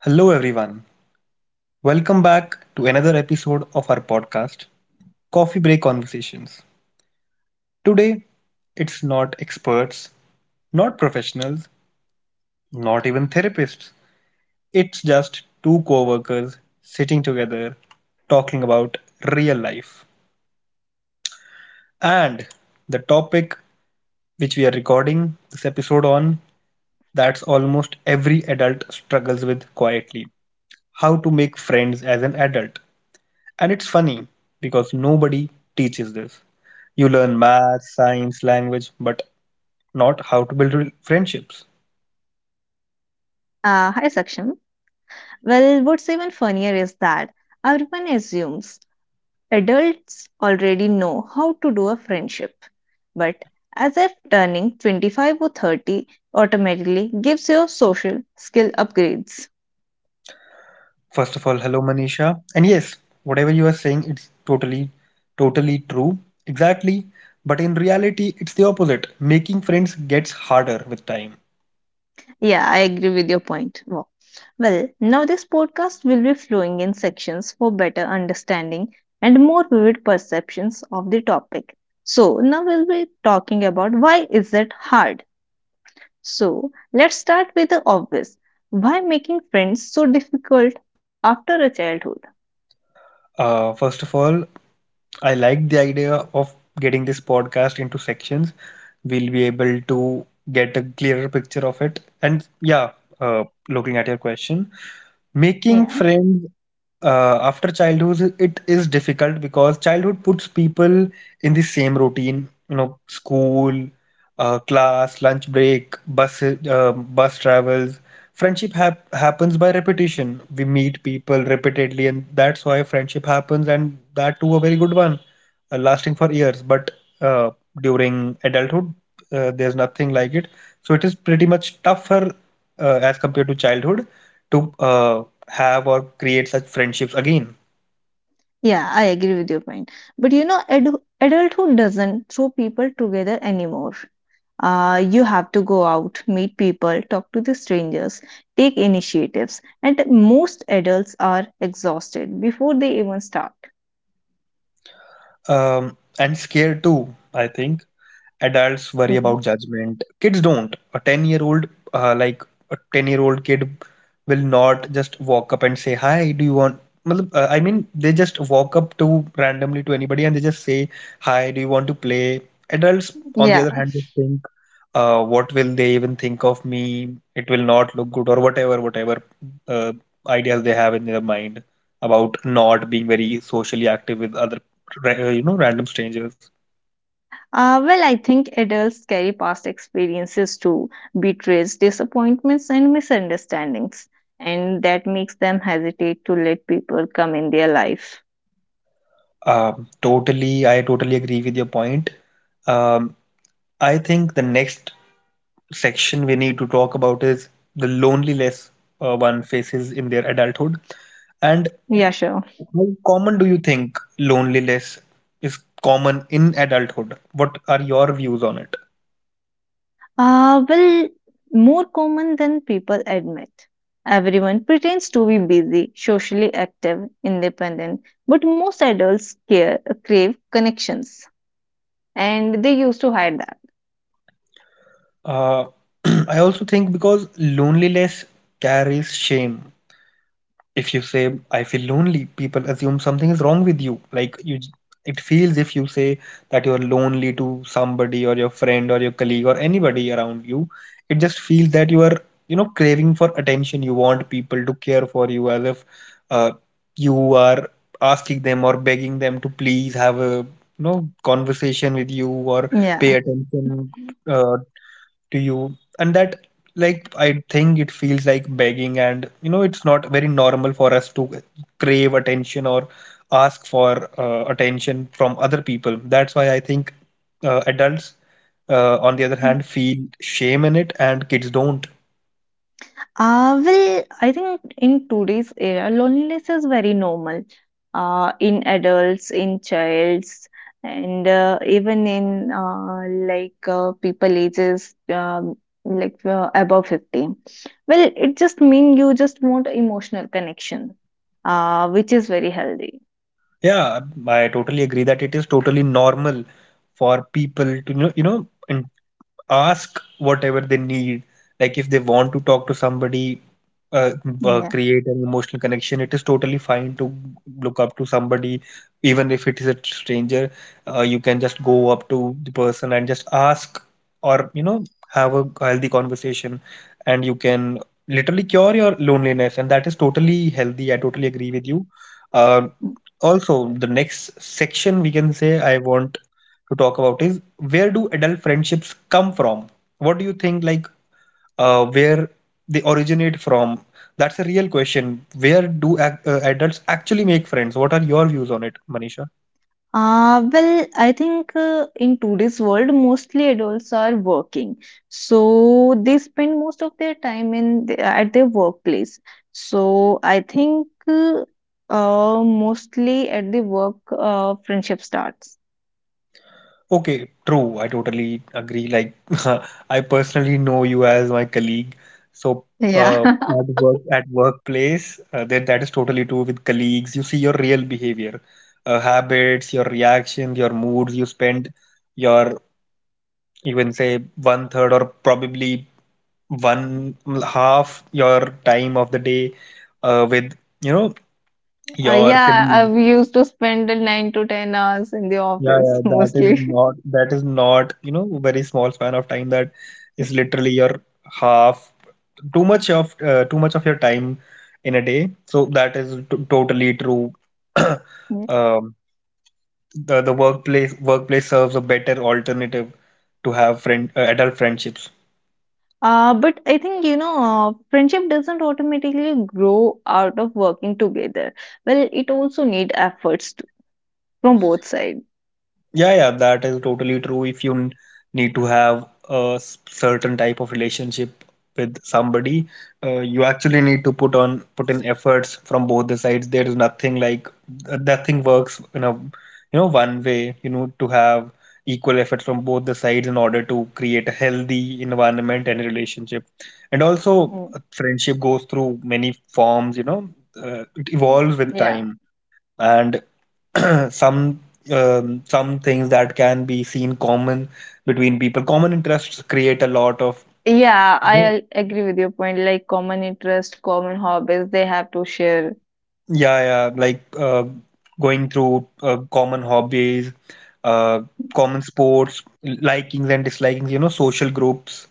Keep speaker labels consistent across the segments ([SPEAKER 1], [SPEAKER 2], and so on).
[SPEAKER 1] Hello, everyone. Welcome back to another episode of our podcast, Coffee Break Conversations. Today, it's not experts, not professionals, not even therapists. It's just two co workers sitting together talking about real life. And the topic which we are recording this episode on that's almost every adult struggles with quietly how to make friends as an adult. And it's funny because nobody teaches this. You learn math, science, language, but not how to build friendships.
[SPEAKER 2] Hi, Saksham. Well, what's even funnier is that everyone assumes adults already know how to do a friendship, but as if turning 25 or 30 automatically gives you social skill upgrades.
[SPEAKER 1] First of all, hello Manisha. And yes, whatever you are saying, it's totally, totally true. Exactly. But in reality, it's the opposite. Making friends gets harder with time.
[SPEAKER 2] Yeah, I agree with your point. Wow. Well, now this podcast will be flowing in sections for better understanding and more vivid perceptions of the topic. So, now we'll be talking about why is it hard? So, let's start with the obvious. Why making friends so difficult after a childhood?
[SPEAKER 1] First of all, I like the idea of getting this podcast into sections. We'll be able to get a clearer picture of it. And yeah, looking at your question. Making
[SPEAKER 2] Yeah.
[SPEAKER 1] friends after childhood, it is difficult because childhood puts people in the same routine, you know, school, class, lunch break, bus, bus travels. Friendship happens by repetition. We meet people repeatedly, and that's why friendship happens, and that too a very good one, lasting for years. But uh, during adulthood, there's nothing like it. So it is pretty much tougher as compared to childhood to have or create such friendships again.
[SPEAKER 2] Yeah, I agree with your point. But you know, adulthood doesn't throw people together anymore. You have to go out, meet people, talk to the strangers, take initiatives, and most adults are exhausted before they even start.
[SPEAKER 1] And scared too, I think adults worry
[SPEAKER 2] Okay.
[SPEAKER 1] about judgment, kids don't. A 10-year old, like a 10-year-old kid will not just walk up and say, hi, do you want, मतलब, I mean, they just walk up to randomly to anybody and they just say, hi, do you want to play? Adults, on the
[SPEAKER 2] Yeah.
[SPEAKER 1] other hand, they think, what will they even think of me, it will not look good, or whatever whatever uh, ideas they have in their mind about not being very socially active with other you know, random strangers.
[SPEAKER 2] Well, I think adults carry past experiences too, betrayals, disappointments, and misunderstandings, and that makes them hesitate to let people come in their life.
[SPEAKER 1] I totally agree with your point. Um, I think the next section we need to talk about is the loneliness one faces in their adulthood. And
[SPEAKER 2] Yeah, sure.
[SPEAKER 1] how common do you think loneliness is common in adulthood? What are your views on it?
[SPEAKER 2] Well, more common than people admit. Everyone pretends to be busy, socially active, independent, but most adults care, crave connections, and they used to hide that.
[SPEAKER 1] Uh, I also think because loneliness carries shame. If you say I feel lonely, people assume something is wrong with you. It feels if you say that you're lonely to somebody or your friend or your colleague or anybody around you, it just feels that you are, you know, craving for attention. You want people to care for you as if uh, you are asking them or begging them to please have a, you know, conversation with you or pay
[SPEAKER 2] Yeah.
[SPEAKER 1] attention uh, to you, and that, like, I think it feels like begging, and you know it's not very normal for us to crave attention or ask for attention from other people. That's why I think adults on the other hand feel shame in it, and kids don't.
[SPEAKER 2] Well, I think in today's era, loneliness is very normal in adults, in childs, and even in like people ages like above 50. Well, it just mean you just want emotional connection, which is very healthy.
[SPEAKER 1] Yeah, I totally agree that it is totally normal for people to, you know, you know, ask whatever they need, like if they want to talk to somebody, uh,
[SPEAKER 2] Yeah.
[SPEAKER 1] create an emotional connection. It is totally fine to look up to somebody, even if it is a stranger. You can just go up to the person and just ask, or, you know, have a healthy conversation, and you can literally cure your loneliness, and that is totally healthy. I totally agree with you. uh, Also, the next section, we can say, I want to talk about is, where do adult friendships come from? What do you think, like, where they originate from? That's a real question. Where do adults actually make friends? What are your views on it, Manisha?
[SPEAKER 2] Well, I think in today's world, mostly adults are working, so they spend most of their time at their workplace. So I think mostly at the work, friendship starts.
[SPEAKER 1] Okay, true. I totally agree. Like, I personally know you as my colleague. So,
[SPEAKER 2] Yeah,
[SPEAKER 1] at work, at workplace, that is totally true with colleagues. You see your real behavior, habits, your reactions, your moods. You spend your, you can say, one third, or probably one half your time of the day with, you know, your
[SPEAKER 2] yeah. I
[SPEAKER 1] colleague.
[SPEAKER 2] used to spend the 9 to 10 hours in the
[SPEAKER 1] Yeah,
[SPEAKER 2] office
[SPEAKER 1] yeah, that is
[SPEAKER 2] mostly.
[SPEAKER 1] not, that is not, you know, very small span of time. That is literally your half, too much of, too much of your time in a day. So that is t totally true. Um, the workplace serves a better alternative to have friend adult friendships.
[SPEAKER 2] But I think, friendship doesn't automatically grow out of working together. Well, it also need efforts from both sides.
[SPEAKER 1] Yeah, yeah, that is totally true. If you n- need to have a certain type of relationship with somebody, you actually need to put in efforts from both the sides. There is nothing like, nothing works in a, you know, one way. You need to have equal effort from both the sides in order to create a healthy environment and relationship. And also,
[SPEAKER 2] Mm.
[SPEAKER 1] friendship goes through many forms. You know, it evolves with
[SPEAKER 2] Yeah.
[SPEAKER 1] time. And some, some things that can be seen common between people. Common interests create a lot of,
[SPEAKER 2] Yeah, I agree with your point. Like common interest, common hobbies, they have to share.
[SPEAKER 1] yeah, yeah, like, going through common hobbies, uh, common sports, likings and dislikings. You know, social groups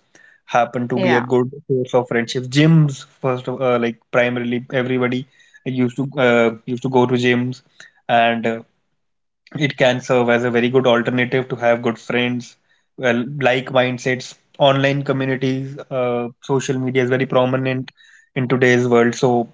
[SPEAKER 1] happen to be a
[SPEAKER 2] Yeah.
[SPEAKER 1] good source of friendships. Gyms, first of, like primarily everybody used to go to gyms, and it can serve as a very good alternative to have good friends, well, like mindsets, online communities. Social media is very prominent in today's world, so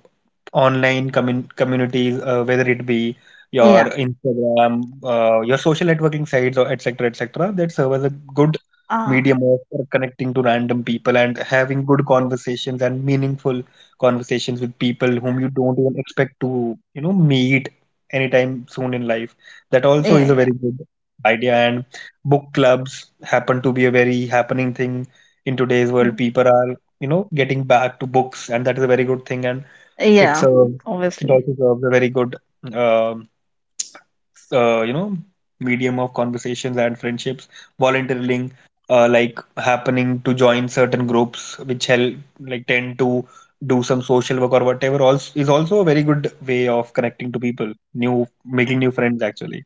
[SPEAKER 1] communities, whether it be your
[SPEAKER 2] Yeah.
[SPEAKER 1] Instagram, your social networking sites or etc etc, that serve as a good
[SPEAKER 2] Ah,
[SPEAKER 1] medium of for connecting to random people and having good conversations and meaningful conversations with people whom you don't even expect to, you know, meet anytime soon in life, that
[SPEAKER 2] yeah,
[SPEAKER 1] also
[SPEAKER 2] yeah.
[SPEAKER 1] is a
[SPEAKER 2] Yeah.
[SPEAKER 1] very good idea. And book clubs happen to be a very happening thing in today's world.
[SPEAKER 2] Mm.
[SPEAKER 1] People are, you know, getting back to books, and that is a very good thing. And it's
[SPEAKER 2] Yeah,
[SPEAKER 1] a, it
[SPEAKER 2] obviously.
[SPEAKER 1] also serves a very good, um you know, medium of conversations and friendships. Volunteering, like happening to join certain groups which help, like tend to do some social work or whatever, also is also a very good way of connecting to people, new, making new friends actually.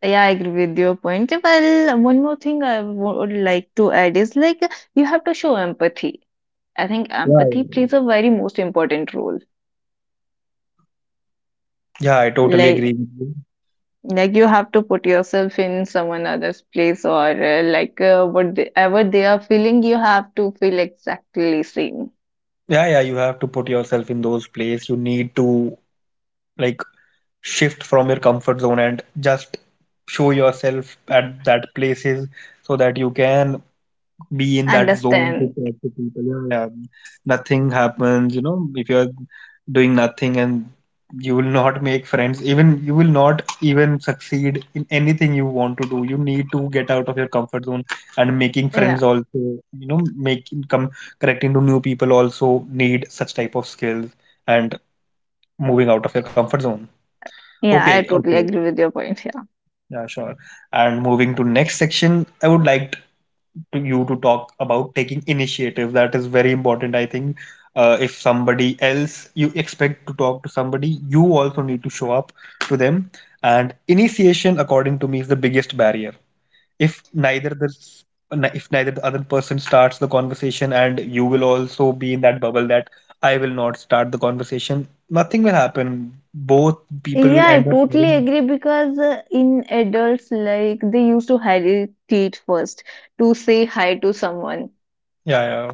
[SPEAKER 2] Yeah, I agree with your point. Well, one more thing I would like to add is like you have to show empathy. I think
[SPEAKER 1] Yeah,
[SPEAKER 2] empathy
[SPEAKER 1] yeah.
[SPEAKER 2] plays a very most important role,
[SPEAKER 1] Yeah, I totally
[SPEAKER 2] like
[SPEAKER 1] agree with you.
[SPEAKER 2] like you have to put yourself in someone other's place, or like whatever they are feeling, you have to feel exactly same.
[SPEAKER 1] Yeah, yeah, you have to put yourself in those place. You need to, like, shift from your comfort zone and just show yourself at that places so that you can be in that zone to
[SPEAKER 2] Understand.
[SPEAKER 1] talk to people. Yeah, yeah. Nothing happens. You know, if you're doing nothing and you will not make friends, even you will not even succeed in anything you want to do. You need to get out of your comfort zone, and making
[SPEAKER 2] Yeah,
[SPEAKER 1] friends also. You know, making come connecting to new people also need such type of skills and moving out of your comfort zone.
[SPEAKER 2] yeah,
[SPEAKER 1] Okay,
[SPEAKER 2] I totally
[SPEAKER 1] okay,
[SPEAKER 2] agree with your point. Yeah,
[SPEAKER 1] yeah, sure. And moving to next section, I would like to you to talk about taking initiative. That is very important. I think if somebody else you expect to talk to somebody, you also need to show up to them. And initiation, according to me, is the biggest barrier. If neither the if neither the other person starts the conversation, and you will also be in that bubble that I will not start the conversation, nothing will happen. Both people will
[SPEAKER 2] yeah, I
[SPEAKER 1] end up
[SPEAKER 2] totally
[SPEAKER 1] having,
[SPEAKER 2] agree because in adults, like, they used to hesitate first to say hi to someone.
[SPEAKER 1] yeah, yeah.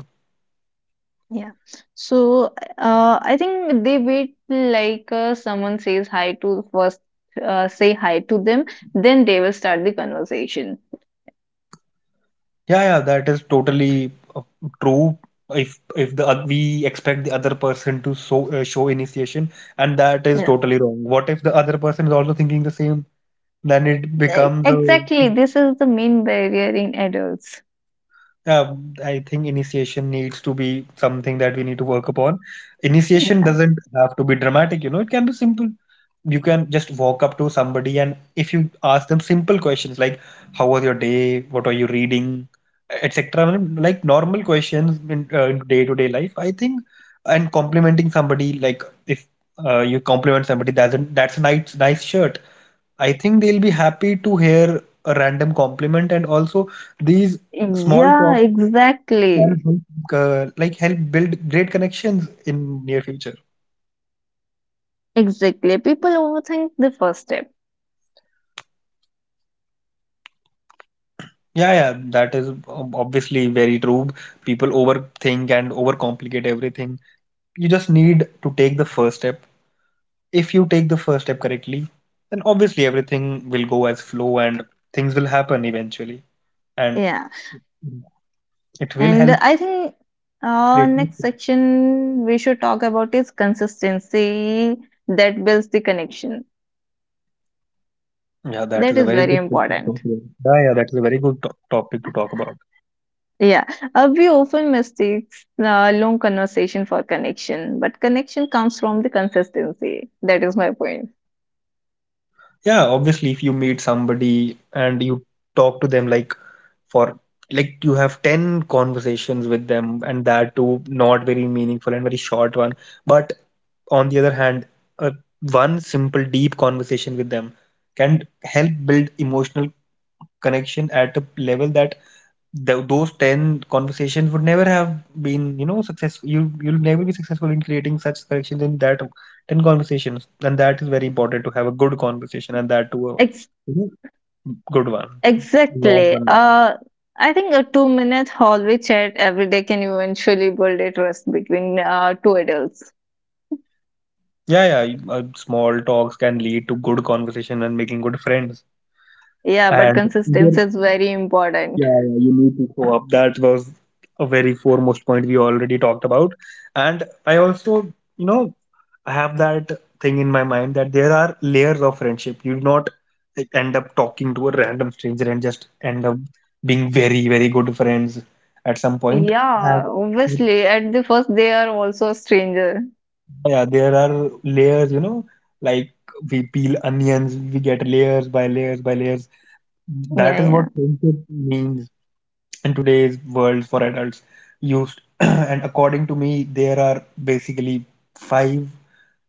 [SPEAKER 2] Yeah. So I think they wait till, like someone says hi to first say hi to them, then they will start the conversation.
[SPEAKER 1] Yeah, yeah, that is totally true. If the oth- We expect the other person to, show initiation, and that is
[SPEAKER 2] Yeah.
[SPEAKER 1] totally wrong. What if the other person is also thinking the same? Then it becomes a.
[SPEAKER 2] Exactly. This is the main barrier in adults.
[SPEAKER 1] Uh, I think initiation needs to be something that we need to work upon. Initiation
[SPEAKER 2] Yeah.
[SPEAKER 1] doesn't have to be dramatic, you know. It can be simple. You can just walk up to somebody and if you ask them simple questions like, how was your day, what are you reading, etc, like normal questions in, in day-to-day life, I think, and complimenting somebody, like if you compliment somebody, that's a nice shirt, I think they'll be happy to hear a random compliment, and also these small
[SPEAKER 2] Yeah,
[SPEAKER 1] talks can
[SPEAKER 2] exactly.
[SPEAKER 1] help, like help build great connections in near future.
[SPEAKER 2] Exactly. People overthink the first step.
[SPEAKER 1] Yeah, yeah, that is obviously very true. People overthink and overcomplicate everything. You just need to take the first step. If you take the first step correctly, then obviously everything will go as flow and things will happen eventually. And
[SPEAKER 2] Yeah.
[SPEAKER 1] it will
[SPEAKER 2] And
[SPEAKER 1] help
[SPEAKER 2] I think
[SPEAKER 1] greatly.
[SPEAKER 2] next section we should talk about is consistency that builds the connection.
[SPEAKER 1] Yeah, that
[SPEAKER 2] That
[SPEAKER 1] is a
[SPEAKER 2] is
[SPEAKER 1] very
[SPEAKER 2] very
[SPEAKER 1] good topic to talk
[SPEAKER 2] important.
[SPEAKER 1] about. Yeah, yeah, that is a very good to topic to talk about.
[SPEAKER 2] Yeah, we often mistakes long conversation for connection, but connection comes from the consistency. That is my point.
[SPEAKER 1] Yeah, obviously, if you meet somebody and you talk to them, for like you have 10 conversations with them and that too not very meaningful and very short one, but on the other hand, uh, one simple deep conversation with them can help build emotional connection at a level that those 10 conversations would never have been successful. You'll never be successful in creating such connections in that 10 conversations. And that is very important to have a good conversation, and that too a you know, good one, long one. Yeah, yeah. Small talks can lead to good conversation and making good friends. And yeah, yeah, you need to show up. That was a very foremost point we already talked about. And I also, you know, I have that thing in my mind that there are layers of friendship. You do not, like, end up talking to a random stranger and just end up being very, very good friends at some point. That.
[SPEAKER 2] Yeah, obviously. At the first, they are also a stranger.
[SPEAKER 1] Yeah, there are layers, you know, like, we peel onions, we get layers by layers by layers. That
[SPEAKER 2] Yeah,
[SPEAKER 1] is
[SPEAKER 2] yeah.
[SPEAKER 1] what friendship means in today's world for adults. Used and according to me, there are basically five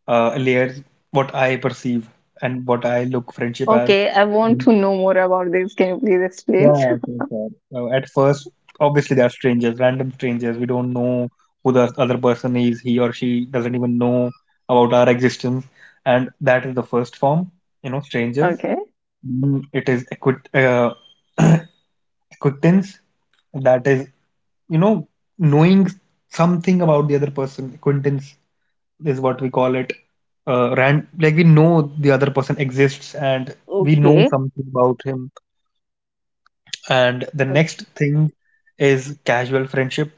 [SPEAKER 1] layers, what I perceive and what I look friendship as.
[SPEAKER 2] Okay, I want to know more about this. Can you please explain?
[SPEAKER 1] Yeah, I think that. At first, obviously, they are strangers, random strangers. We don't know who the other person is. He or she doesn't even know about our existence. And that is the first form, you know, strangers.
[SPEAKER 2] Okay.
[SPEAKER 1] Mm, it is acquit acquaintance. That is, you know, knowing something about the other person. Acquaintance is what we call it. Ran Like, we know the other person exists and we know something about him. And the next thing is casual friendship.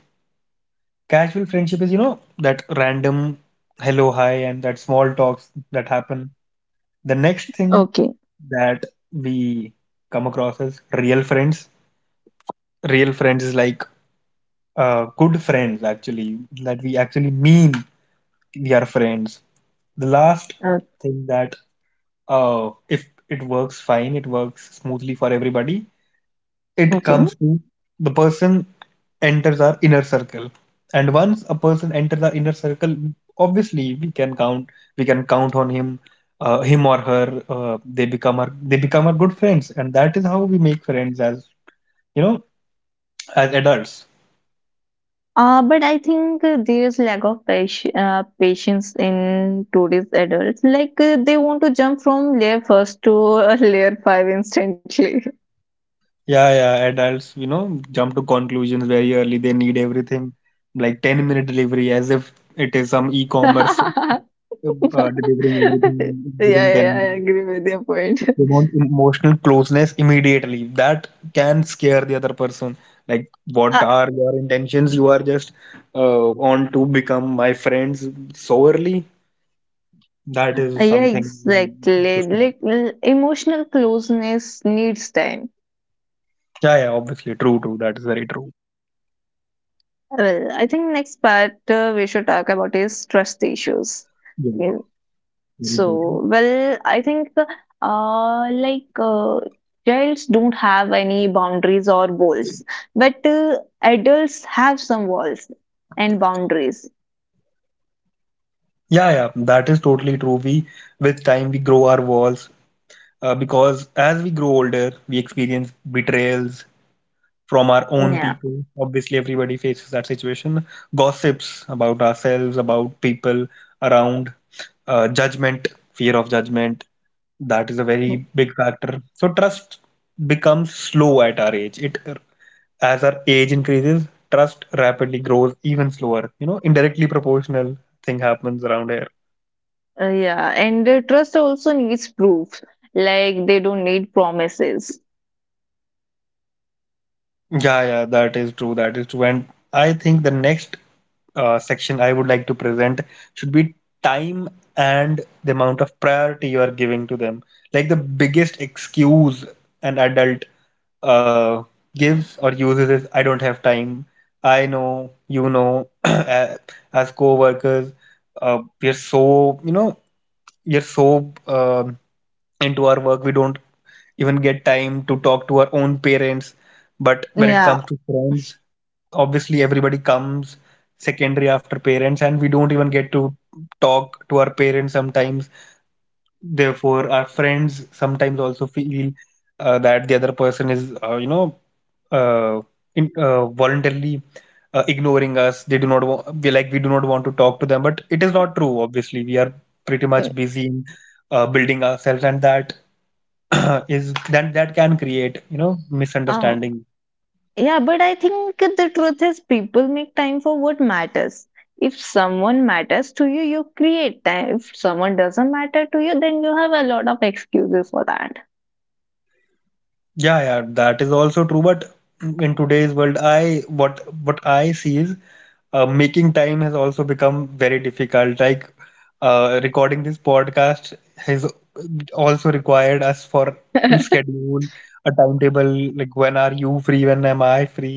[SPEAKER 1] Casual friendship is, you know, that random hello, hi, and that small talks that happen. The next thing
[SPEAKER 2] Okay.
[SPEAKER 1] that we come across as real friends. Real friends is like good friends, actually, that we actually mean we are friends. The last
[SPEAKER 2] Uh,
[SPEAKER 1] thing that, if it works fine, it works smoothly for everybody, it
[SPEAKER 2] okay.
[SPEAKER 1] comes to the person enters our inner circle. And once a person enters our inner circle, obviously we can count on him, him or her. They become our good friends, and that is how we make friends, as you know as adults.
[SPEAKER 2] But I think there's lack of patience in today's adults. Like they want to jump from layer first to layer five instantly.
[SPEAKER 1] Yeah, yeah, adults, you know, jump to conclusions very early. They need everything like 10-minute delivery, as if it is some e-commerce,
[SPEAKER 2] Yeah,
[SPEAKER 1] delivering everything
[SPEAKER 2] yeah,
[SPEAKER 1] within 10
[SPEAKER 2] yeah, I
[SPEAKER 1] minutes.
[SPEAKER 2] agree with your point.
[SPEAKER 1] They want emotional closeness immediately. That can scare the other person. Like, what
[SPEAKER 2] Uh,
[SPEAKER 1] are your intentions? You are just on to become my friends so early. That is
[SPEAKER 2] yeah,
[SPEAKER 1] something we need to
[SPEAKER 2] exactly.
[SPEAKER 1] stop.
[SPEAKER 2] Like emotional closeness needs time.
[SPEAKER 1] Yeah, yeah, obviously. True, true. That is very true.
[SPEAKER 2] Well, I think next part we should talk about is trust issues. Yeah.
[SPEAKER 1] Yeah,
[SPEAKER 2] So,
[SPEAKER 1] very true.
[SPEAKER 2] well, I think like adults don't have any boundaries or walls, but adults have some walls and boundaries.
[SPEAKER 1] Yeah, yeah, that is totally true. We, with time, we grow our walls, because as we grow older, we experience betrayals from our own
[SPEAKER 2] Yeah.
[SPEAKER 1] people. Obviously, everybody faces that situation. Gossips about ourselves, about people around, judgment, fear of judgment. That is a very big factor. So trust becomes slow at our age. It, as our age increases, trust rapidly grows even slower. You know, indirectly proportional thing happens around here.
[SPEAKER 2] Yeah, and trust also needs proof. Like they don't need promises.
[SPEAKER 1] Yeah, yeah, that is true. That is true. And I think the next section I would like to present should be time and the amount of priority you are giving to them. Like the biggest excuse an adult uh, gives or uses is, I don't have time. I know, you know, as co-workers, we are so, you know, we are so into our work, we don't even get time to talk to our own parents. But when it
[SPEAKER 2] Yeah.
[SPEAKER 1] comes to friends, obviously everybody comes secondary after parents, and we don't even get to talk to our parents sometimes. Therefore our friends sometimes also feel that the other person is, uh, in, voluntarily ignoring us. They do not we, like, we do not want to talk to them, but it is not true. Obviously, we are pretty
[SPEAKER 2] Mm.
[SPEAKER 1] much busy in building ourselves, and that is that can create, you know,
[SPEAKER 2] Uh,
[SPEAKER 1] misunderstanding.
[SPEAKER 2] Yeah, but I think the truth is people make time for what matters. If someone matters to you, you create time. If someone doesn't matter to you, then you have a lot of excuses for that.
[SPEAKER 1] Yeah, yeah, that is also true. But in today's world, I what I see is, making time has also become very difficult. Like, recording this podcast has also required us for to schedule a timetable, like when are you free, when am I free.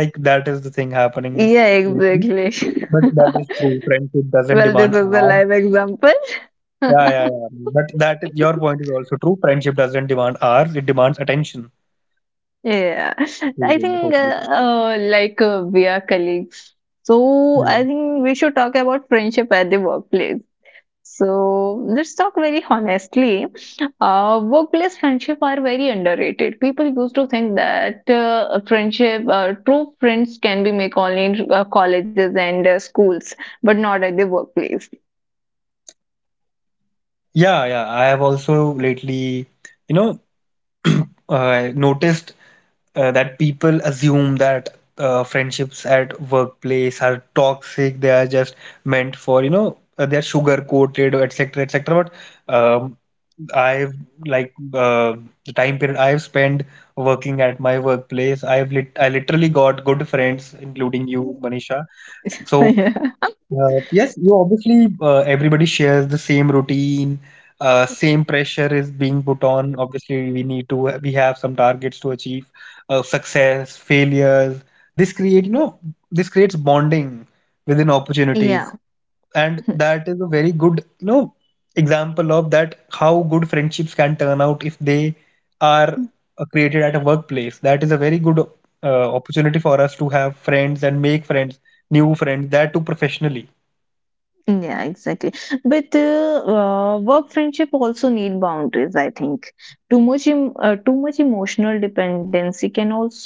[SPEAKER 1] Like that is the thing happening
[SPEAKER 2] Yeah,
[SPEAKER 1] lately.
[SPEAKER 2] exactly.
[SPEAKER 1] But that is true, friendship doesn't
[SPEAKER 2] Well, this
[SPEAKER 1] demand
[SPEAKER 2] is a
[SPEAKER 1] hours.
[SPEAKER 2] live example.
[SPEAKER 1] Yeah, yeah, yeah. But that is, your point is also true. Friendship doesn't demand hours, it demands attention.
[SPEAKER 2] Yeah, I
[SPEAKER 1] Totally,
[SPEAKER 2] think
[SPEAKER 1] totally.
[SPEAKER 2] like we are colleagues. So
[SPEAKER 1] Yeah.
[SPEAKER 2] I think we should talk about friendship at the workplace. So let's talk very honestly. Workplace friendship are very underrated. People used to think that friendship, true friends, can be made only in colleges and schools, but not at the workplace.
[SPEAKER 1] Yeah, yeah. I have also lately, you know, I noticed that people assume that friendships at workplace are toxic. They are just meant for, you know, they are sugar coated, etc., etc. But I've like uh, the time period I've spent working at my workplace, I've lit I literally got good friends, including you, Manisha. So,
[SPEAKER 2] Yeah.
[SPEAKER 1] yes, you, obviously, everybody shares the same routine, same pressure is being put on. Obviously, we have some targets to achieve, success, failures. This create you know this creates bonding within opportunities,
[SPEAKER 2] Yeah.
[SPEAKER 1] and that is a very good, you know, example of that, how good friendships can turn out if they are created at a workplace. That is a very good uh, opportunity for us to have friends and make friends, new friends, that too professionally.
[SPEAKER 2] Yeah, exactly. But work friendship also need boundaries, I think. Too much emotional dependency can also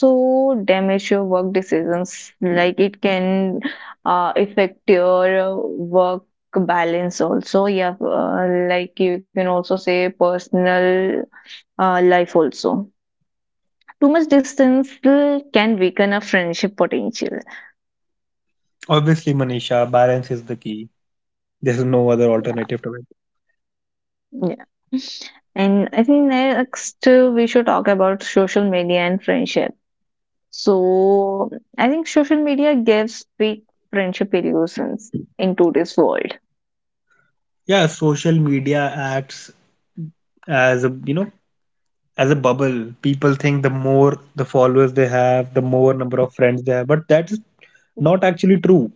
[SPEAKER 2] damage your work decisions. Like it can affect your work balance also. Yeah, like you can also say personal life also. Too much distance can weaken a friendship potential.
[SPEAKER 1] Obviously, Manisha, balance is the key. There's no other alternative to it.
[SPEAKER 2] Yeah. And I think next we should talk about social media and friendship. So I think social media gives fake friendship illusions in today's world.
[SPEAKER 1] Yeah, social media acts as a, you know, as a bubble. People think the more the followers they have, the more number of friends they have, but that is not actually true.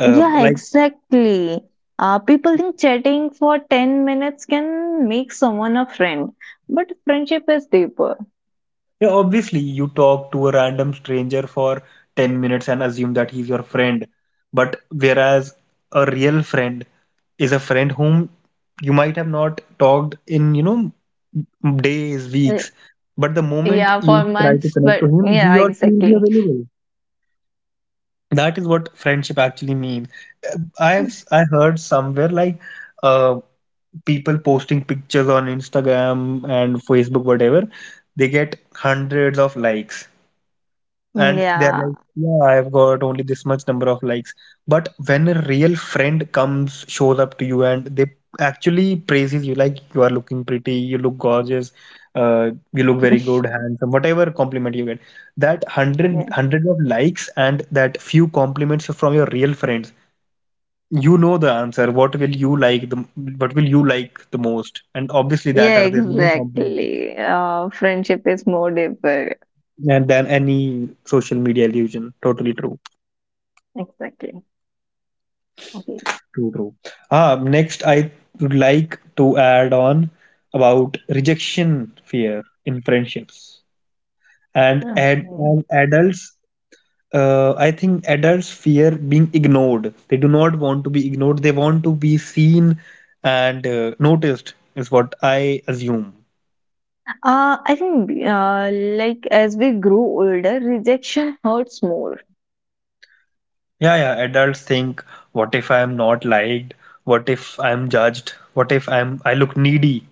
[SPEAKER 1] Uh,
[SPEAKER 2] Yeah,
[SPEAKER 1] like
[SPEAKER 2] exactly. People think chatting for 10 minutes can make someone a friend, but friendship is deeper.
[SPEAKER 1] Yeah, obviously, you talk to a random stranger for 10 minutes and assume that he's your friend. But whereas a real friend is a friend whom you might have not talked in, you know, days,
[SPEAKER 2] Uh,
[SPEAKER 1] weeks. But the moment
[SPEAKER 2] yeah, for
[SPEAKER 1] you try to
[SPEAKER 2] months,
[SPEAKER 1] connect to
[SPEAKER 2] but
[SPEAKER 1] him,
[SPEAKER 2] yeah,
[SPEAKER 1] he or she will be
[SPEAKER 2] exactly.
[SPEAKER 1] available. That is what friendship actually means. Uh, I've s- I have I heard somewhere like uh, people posting pictures on Instagram and Facebook, whatever, they get hundreds of likes, and they're
[SPEAKER 2] Yeah.
[SPEAKER 1] like, yeah, I've got only this much number of likes. But when a real friend comes, shows up to you and they actually praises you, like you are looking pretty, you look gorgeous, you look very good, handsome, whatever compliment you get, that hundred
[SPEAKER 2] Yeah,
[SPEAKER 1] hundred of likes and that few compliments from your real friends, you know the answer. What will you like the most? And obviously that
[SPEAKER 2] yeah,
[SPEAKER 1] are the real compliments,
[SPEAKER 2] exactly. Friendship is more deeper.
[SPEAKER 1] and then any social media illusion. Totally true.
[SPEAKER 2] Exactly. Okay.
[SPEAKER 1] True, true. Ah, next, I would like to add on about rejection fear in friendships. And
[SPEAKER 2] Okay.
[SPEAKER 1] as adults, I think adults fear being ignored. They do not want to be ignored. They want to be seen and, noticed, is what I assume.
[SPEAKER 2] I think like, as we grow older, rejection hurts more.
[SPEAKER 1] Yeah, yeah. Adults think, what if I'm not liked? What if I'm judged? What if I look needy?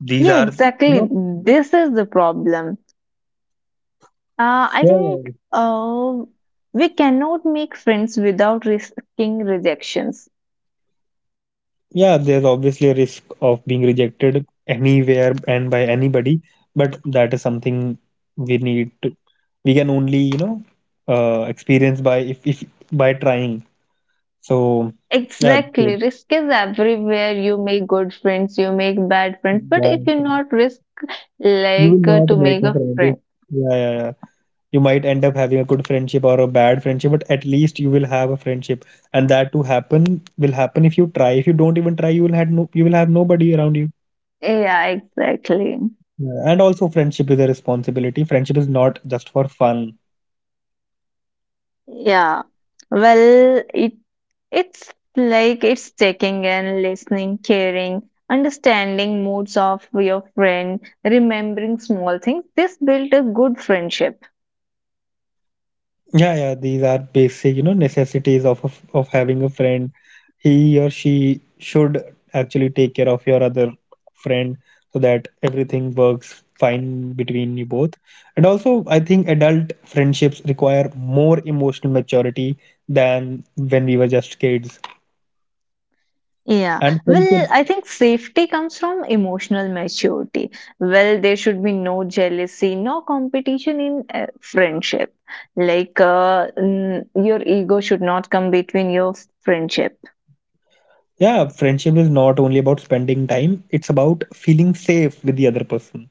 [SPEAKER 1] These
[SPEAKER 2] Yeah,
[SPEAKER 1] are, you
[SPEAKER 2] exactly.
[SPEAKER 1] know,
[SPEAKER 2] This is the problem. I
[SPEAKER 1] yeah, yeah.
[SPEAKER 2] think we cannot make friends without risking rejections.
[SPEAKER 1] Yeah, there's obviously a risk of being rejected anywhere and by anybody, but that is something we need to, we can only, you know, experience by, if by trying. So, yeah,
[SPEAKER 2] Exactly.
[SPEAKER 1] so
[SPEAKER 2] Risk is everywhere. You make good friends, you make bad friends, but if
[SPEAKER 1] that,
[SPEAKER 2] you not risk,
[SPEAKER 1] you
[SPEAKER 2] like,
[SPEAKER 1] will
[SPEAKER 2] to
[SPEAKER 1] not
[SPEAKER 2] make
[SPEAKER 1] make a
[SPEAKER 2] a
[SPEAKER 1] friend.
[SPEAKER 2] friend.
[SPEAKER 1] Yeah, yeah, yeah. You might end up having a good friendship or a bad friendship, but at least you will have a friendship. And that to happen, will happen if you try. If you don't even try, you will have no, you will have nobody around you.
[SPEAKER 2] Yeah, exactly.
[SPEAKER 1] Yeah, and also friendship is a responsibility. Friendship is not just for fun.
[SPEAKER 2] Yeah. Well, it's like it's checking in, listening, caring, understanding moods of your friend, remembering small things. This built a good friendship.
[SPEAKER 1] Yeah, yeah, these are basic, you know, necessities of of having a friend. He or she should actually take care of your other friend so that everything works fine between you both. And also, I think adult friendships require more emotional maturity than when we were just kids.
[SPEAKER 2] Yeah.
[SPEAKER 1] And friendship,
[SPEAKER 2] Well, I think safety comes from emotional maturity. Well, there should be no jealousy, no competition in friendship. Like your ego should not come between your friendship.
[SPEAKER 1] yeah, friendship is not only about spending time, it's about feeling safe with the other person.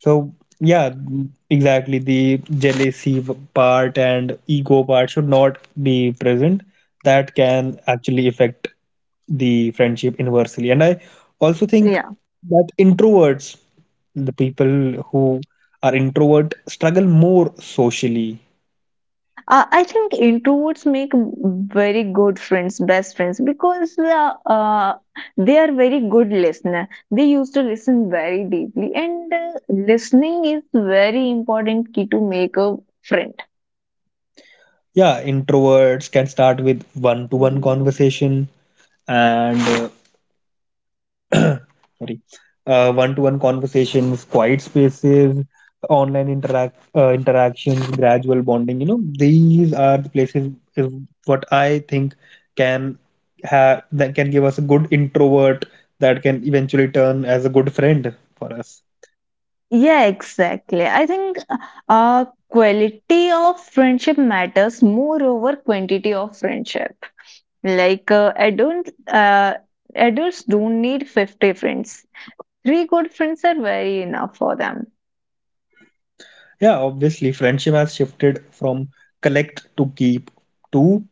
[SPEAKER 1] So yeah, mm, exactly. The jealousy part and ego part should not be present. That can actually affect the friendship inversely. And I also think
[SPEAKER 2] Yeah.
[SPEAKER 1] that introverts, the people who are introvert, struggle more socially.
[SPEAKER 2] I think introverts make very good friends, best friends, because they are very good listener. They used to listen very deeply, and listening is very important key to make a friend.
[SPEAKER 1] Yeah, introverts can start with one-to-one conversation and, sorry, one-to-one conversations, quiet spaces, online interactions, gradual bonding. You know, these are the places, is what I think can have, that can give us a good introvert that can eventually turn as a good friend for us.
[SPEAKER 2] Yeah, exactly. I think quality of friendship matters more over quantity of friendship. Like I don't, adults don't need 50 friends. Three good friends are very enough for them.
[SPEAKER 1] Yeah, obviously, friendship has shifted from collect to keep to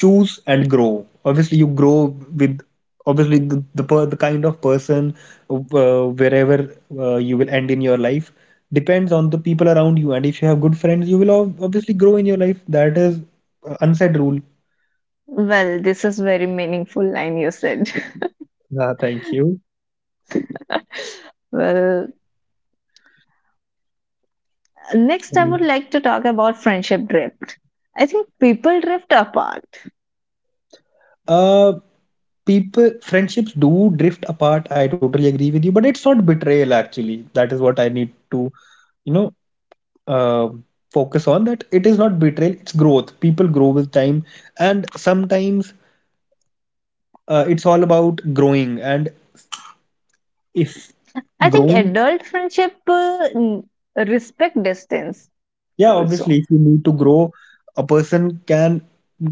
[SPEAKER 1] choose and grow. Obviously, you grow with obviously the kind of person wherever you will end in your life depends on the people around you. And if you have good friends, you will obviously grow in your life. That is unsaid rule.
[SPEAKER 2] Well, this is very meaningful line you said.
[SPEAKER 1] Ah, thank you.
[SPEAKER 2] Well, next I would like to talk about friendship drift. I think people drift apart.
[SPEAKER 1] Uh, People friendships do drift apart, I totally agree with you, but it's not betrayal. Actually, that is what I need to you know uh, focus on, that it is not betrayal, it's growth. People grow with time, and sometimes it's all about growing. And if
[SPEAKER 2] I think
[SPEAKER 1] growing
[SPEAKER 2] adult friendship respect distance
[SPEAKER 1] Yeah,
[SPEAKER 2] also.
[SPEAKER 1] obviously, if you need to grow, a person can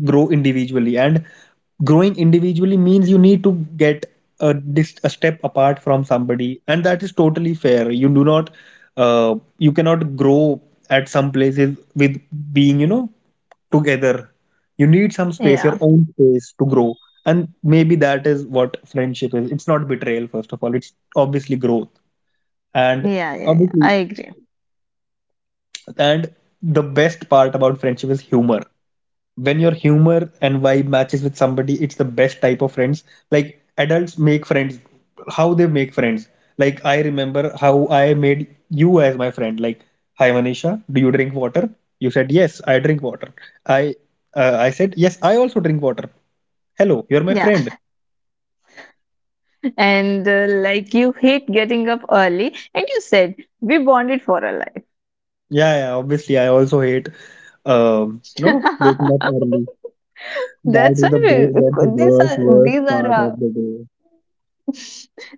[SPEAKER 1] grow individually, and growing individually means you need to get a step apart from somebody, and that is totally fair. You do not, you cannot grow at some places with being, you know, together. You need some space, your
[SPEAKER 2] Yeah.
[SPEAKER 1] own space to grow, and maybe that is what friendship is. It's not betrayal, first of all. It's obviously growth, and
[SPEAKER 2] Yeah, yeah, yeah. I
[SPEAKER 1] obviously
[SPEAKER 2] agree.
[SPEAKER 1] and the best part about friendship is humor. When your humor and vibe matches with somebody, it's the best type of friends. Like, adults make friends, how they make friends. Like, I remember how I made you as my friend. Like, hi Manisha, do you drink water? You said, yes, I drink water. I I said, yes, I also drink water. Hello, you're my
[SPEAKER 2] Yeah.
[SPEAKER 1] friend.
[SPEAKER 2] And like you hate getting up early and you said we bonded for a life.
[SPEAKER 1] Yeah, yeah, obviously I also hate waking up early. That
[SPEAKER 2] That's
[SPEAKER 1] is the
[SPEAKER 2] why
[SPEAKER 1] that's
[SPEAKER 2] we,
[SPEAKER 1] the
[SPEAKER 2] these
[SPEAKER 1] worst
[SPEAKER 2] are
[SPEAKER 1] worst
[SPEAKER 2] these are
[SPEAKER 1] part of the day.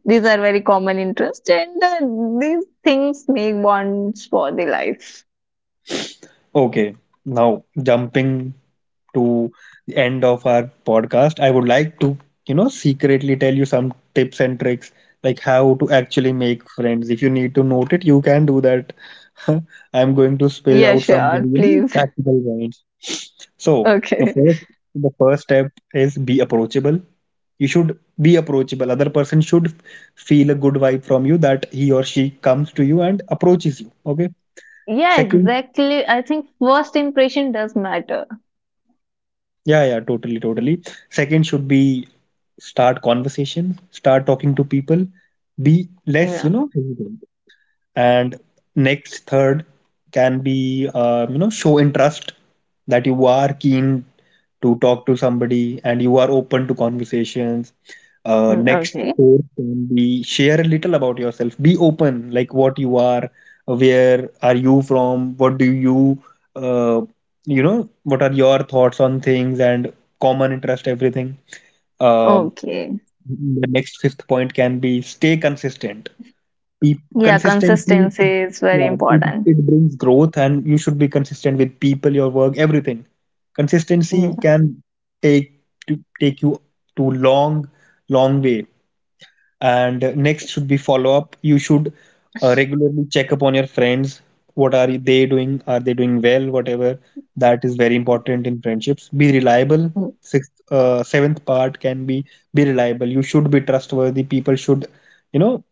[SPEAKER 2] These are very common interests, and these things make bonds for the life.
[SPEAKER 1] Okay, now jumping to the end of our podcast, I would like to, you know, secretly tell you some tips and tricks, like how to actually make friends. If you need to note it, you can do that. I'm going to spill
[SPEAKER 2] Yeah,
[SPEAKER 1] out some
[SPEAKER 2] sure,
[SPEAKER 1] very, you know,
[SPEAKER 2] please.
[SPEAKER 1] practical points. So the
[SPEAKER 2] Okay.
[SPEAKER 1] first, the first step is, be approachable. You should be approachable. Other person should feel a good vibe from you that he or she comes to you and approaches you. Okay.
[SPEAKER 2] Yeah,
[SPEAKER 1] Second,
[SPEAKER 2] exactly. I think first impression does matter.
[SPEAKER 1] yeah, yeah, totally, totally. Second should be start conversation, start talking to people, be less,
[SPEAKER 2] Yeah.
[SPEAKER 1] you know, hesitant, and next, third can be, you know, show interest, that you are keen to talk to somebody and you are open to conversations.
[SPEAKER 2] Mm.
[SPEAKER 1] Next,
[SPEAKER 2] Okay.
[SPEAKER 1] fourth can be, share a little about yourself, be open, like what you are, where are you from, what do you, uh, you know, what are your thoughts on things, and common interest, everything. uh,
[SPEAKER 2] Okay.
[SPEAKER 1] the next, fifth point can be, stay consistent. Pe-
[SPEAKER 2] Yeah,
[SPEAKER 1] Consistently,
[SPEAKER 2] consistency is very
[SPEAKER 1] yeah, it,
[SPEAKER 2] important.
[SPEAKER 1] it brings growth, and you should be consistent with people, your work, everything. Consistency
[SPEAKER 2] Yeah.
[SPEAKER 1] can take take you to long, long way. And next should be, follow up. You should regularly check up on your friends. What are they doing? Are they doing well? Whatever. That is very important in friendships. Be reliable.
[SPEAKER 2] Mm.
[SPEAKER 1] Sixth, seventh part can be reliable. You should be trustworthy. People should, you know,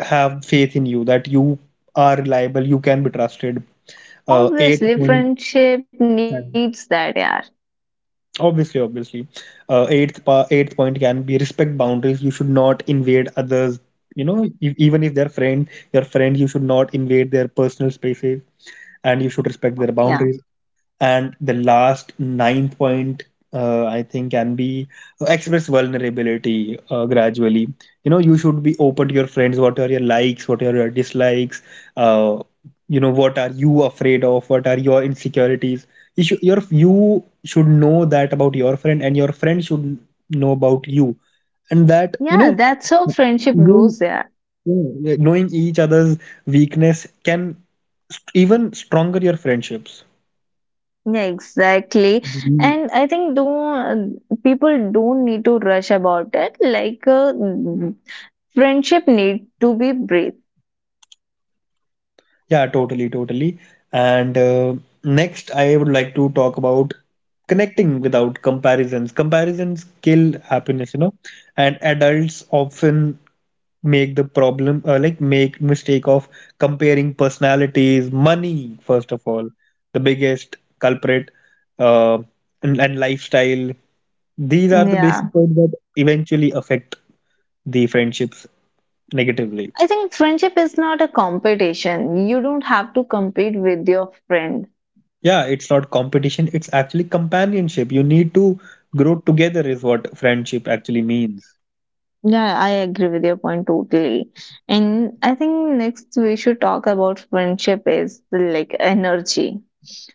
[SPEAKER 1] have faith in you, that you are reliable, you can be trusted. Eighth
[SPEAKER 2] Obviously,
[SPEAKER 1] point,
[SPEAKER 2] friendship needs that, yeah.
[SPEAKER 1] obviously, obviously, eighth point can be, respect boundaries. You should not invade others. You know, even if they're friend, your friend, you should not invade their personal spaces, and you should respect their
[SPEAKER 2] Yeah.
[SPEAKER 1] boundaries. And the last, nine point, I think can be, express vulnerability gradually. You know, you should be open to your friends, what are your likes, what are your dislikes, uh, you know, what are you afraid of, what are your insecurities. Your, you should know that about your friend, and your friend should know about you, and that, you
[SPEAKER 2] Yeah,
[SPEAKER 1] know,
[SPEAKER 2] that's how friendship
[SPEAKER 1] knowing,
[SPEAKER 2] grows, yeah.
[SPEAKER 1] yeah, knowing each other's weakness can even stronger your friendships.
[SPEAKER 2] Yeah, exactly. And I think don't people don't need to rush about it. Like friendship need to be breathed.
[SPEAKER 1] Yeah, totally, totally. And next, I would like to talk about connecting without comparisons. Comparisons kill happiness, you know, and adults often make the problem like make mistake of comparing personalities, money, first of all, the biggest culprit, uh, and lifestyle. These are the basic
[SPEAKER 2] Yeah.
[SPEAKER 1] points that eventually affect the friendships negatively.
[SPEAKER 2] I think friendship is not a competition. You don't have to compete with your friend.
[SPEAKER 1] Yeah, it's not competition, it's actually companionship. You need to grow together, is what friendship actually means.
[SPEAKER 2] Yeah, I agree with your point totally. And I think next we should talk about friendship is like, energy.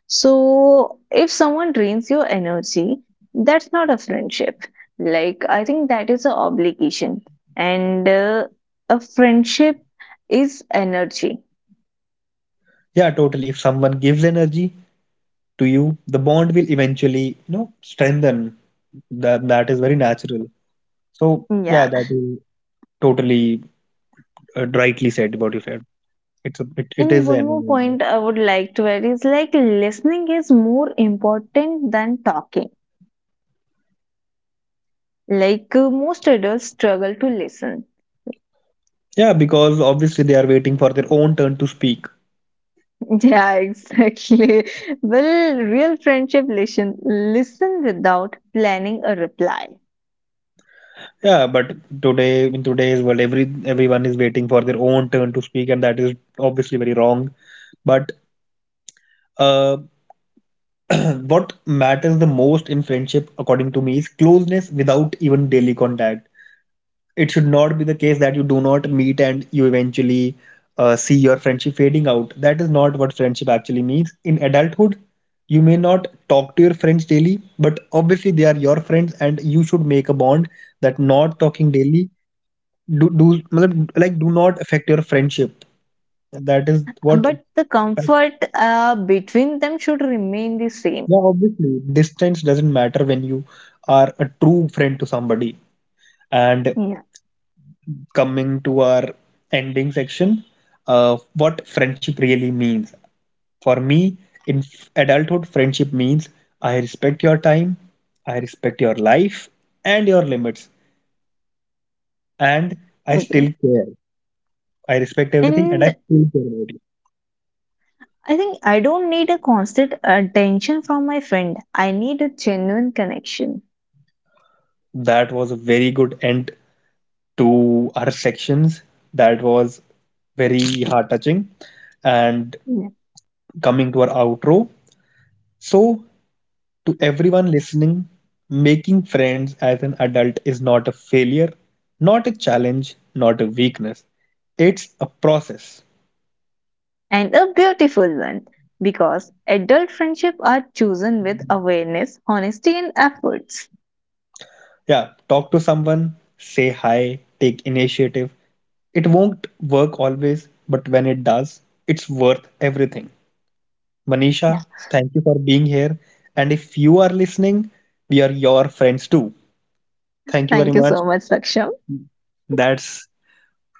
[SPEAKER 2] So if someone drains your energy, that's not a friendship. Like I think that is an obligation. And a friendship is energy.
[SPEAKER 1] Yeah, totally. If someone gives energy to you, the bond will eventually, you know, strengthen. That is very natural. So,
[SPEAKER 2] Yeah.
[SPEAKER 1] yeah, that is totally rightly said what you said. It's it
[SPEAKER 2] And
[SPEAKER 1] is an
[SPEAKER 2] one more
[SPEAKER 1] energy.
[SPEAKER 2] point I would like to add is like listening is more important than talking. Like most adults struggle to listen.
[SPEAKER 1] Yeah, because obviously they are waiting for their own turn to speak.
[SPEAKER 2] Yeah, exactly. Well, real friendship listen without planning a reply.
[SPEAKER 1] Yeah, but today's world, everyone is waiting for their own turn to speak, and that is obviously very wrong. But Uh, what matters the most in friendship, according to me, is closeness without even daily contact. It should not be the case that you do not meet and you eventually see your friendship fading out. That is not what friendship actually means. In adulthood, you may not talk to your friends daily, but obviously they are your friends, and you should make a bond that not talking daily do do मतलब, like, do not affect your friendship. That is what.
[SPEAKER 2] But the comfort between them should remain the same.
[SPEAKER 1] Yeah, obviously, distance doesn't matter when you are a true friend to somebody. And
[SPEAKER 2] Yeah.
[SPEAKER 1] coming to our ending section, what friendship really means. For me, in adulthood, friendship means, I respect your time, I respect your life and your limits, and I
[SPEAKER 2] Okay.
[SPEAKER 1] still care. I respect everything and I
[SPEAKER 2] And
[SPEAKER 1] still care about you.
[SPEAKER 2] I think I don't need a constant attention from my friend. I need a genuine connection.
[SPEAKER 1] That was a very good end to our sections. That was very heart touching, and
[SPEAKER 2] Yeah.
[SPEAKER 1] coming to our outro. So, to everyone listening, making friends as an adult is not a failure, not a challenge, not a weakness. It's a process.
[SPEAKER 2] And a beautiful one. Because adult friendship are chosen with awareness, honesty, and efforts.
[SPEAKER 1] Yeah, talk to someone, say hi, take initiative. It won't work always, but when it does, it's worth everything.
[SPEAKER 2] Yeah.
[SPEAKER 1] Manisha, thank you for being here. And if you are listening, we are your friends too. Thank you very
[SPEAKER 2] Thank you
[SPEAKER 1] much.
[SPEAKER 2] so much, Laksham.
[SPEAKER 1] That's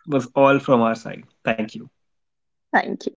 [SPEAKER 1] was all from our side. Thank you.
[SPEAKER 2] Thank you.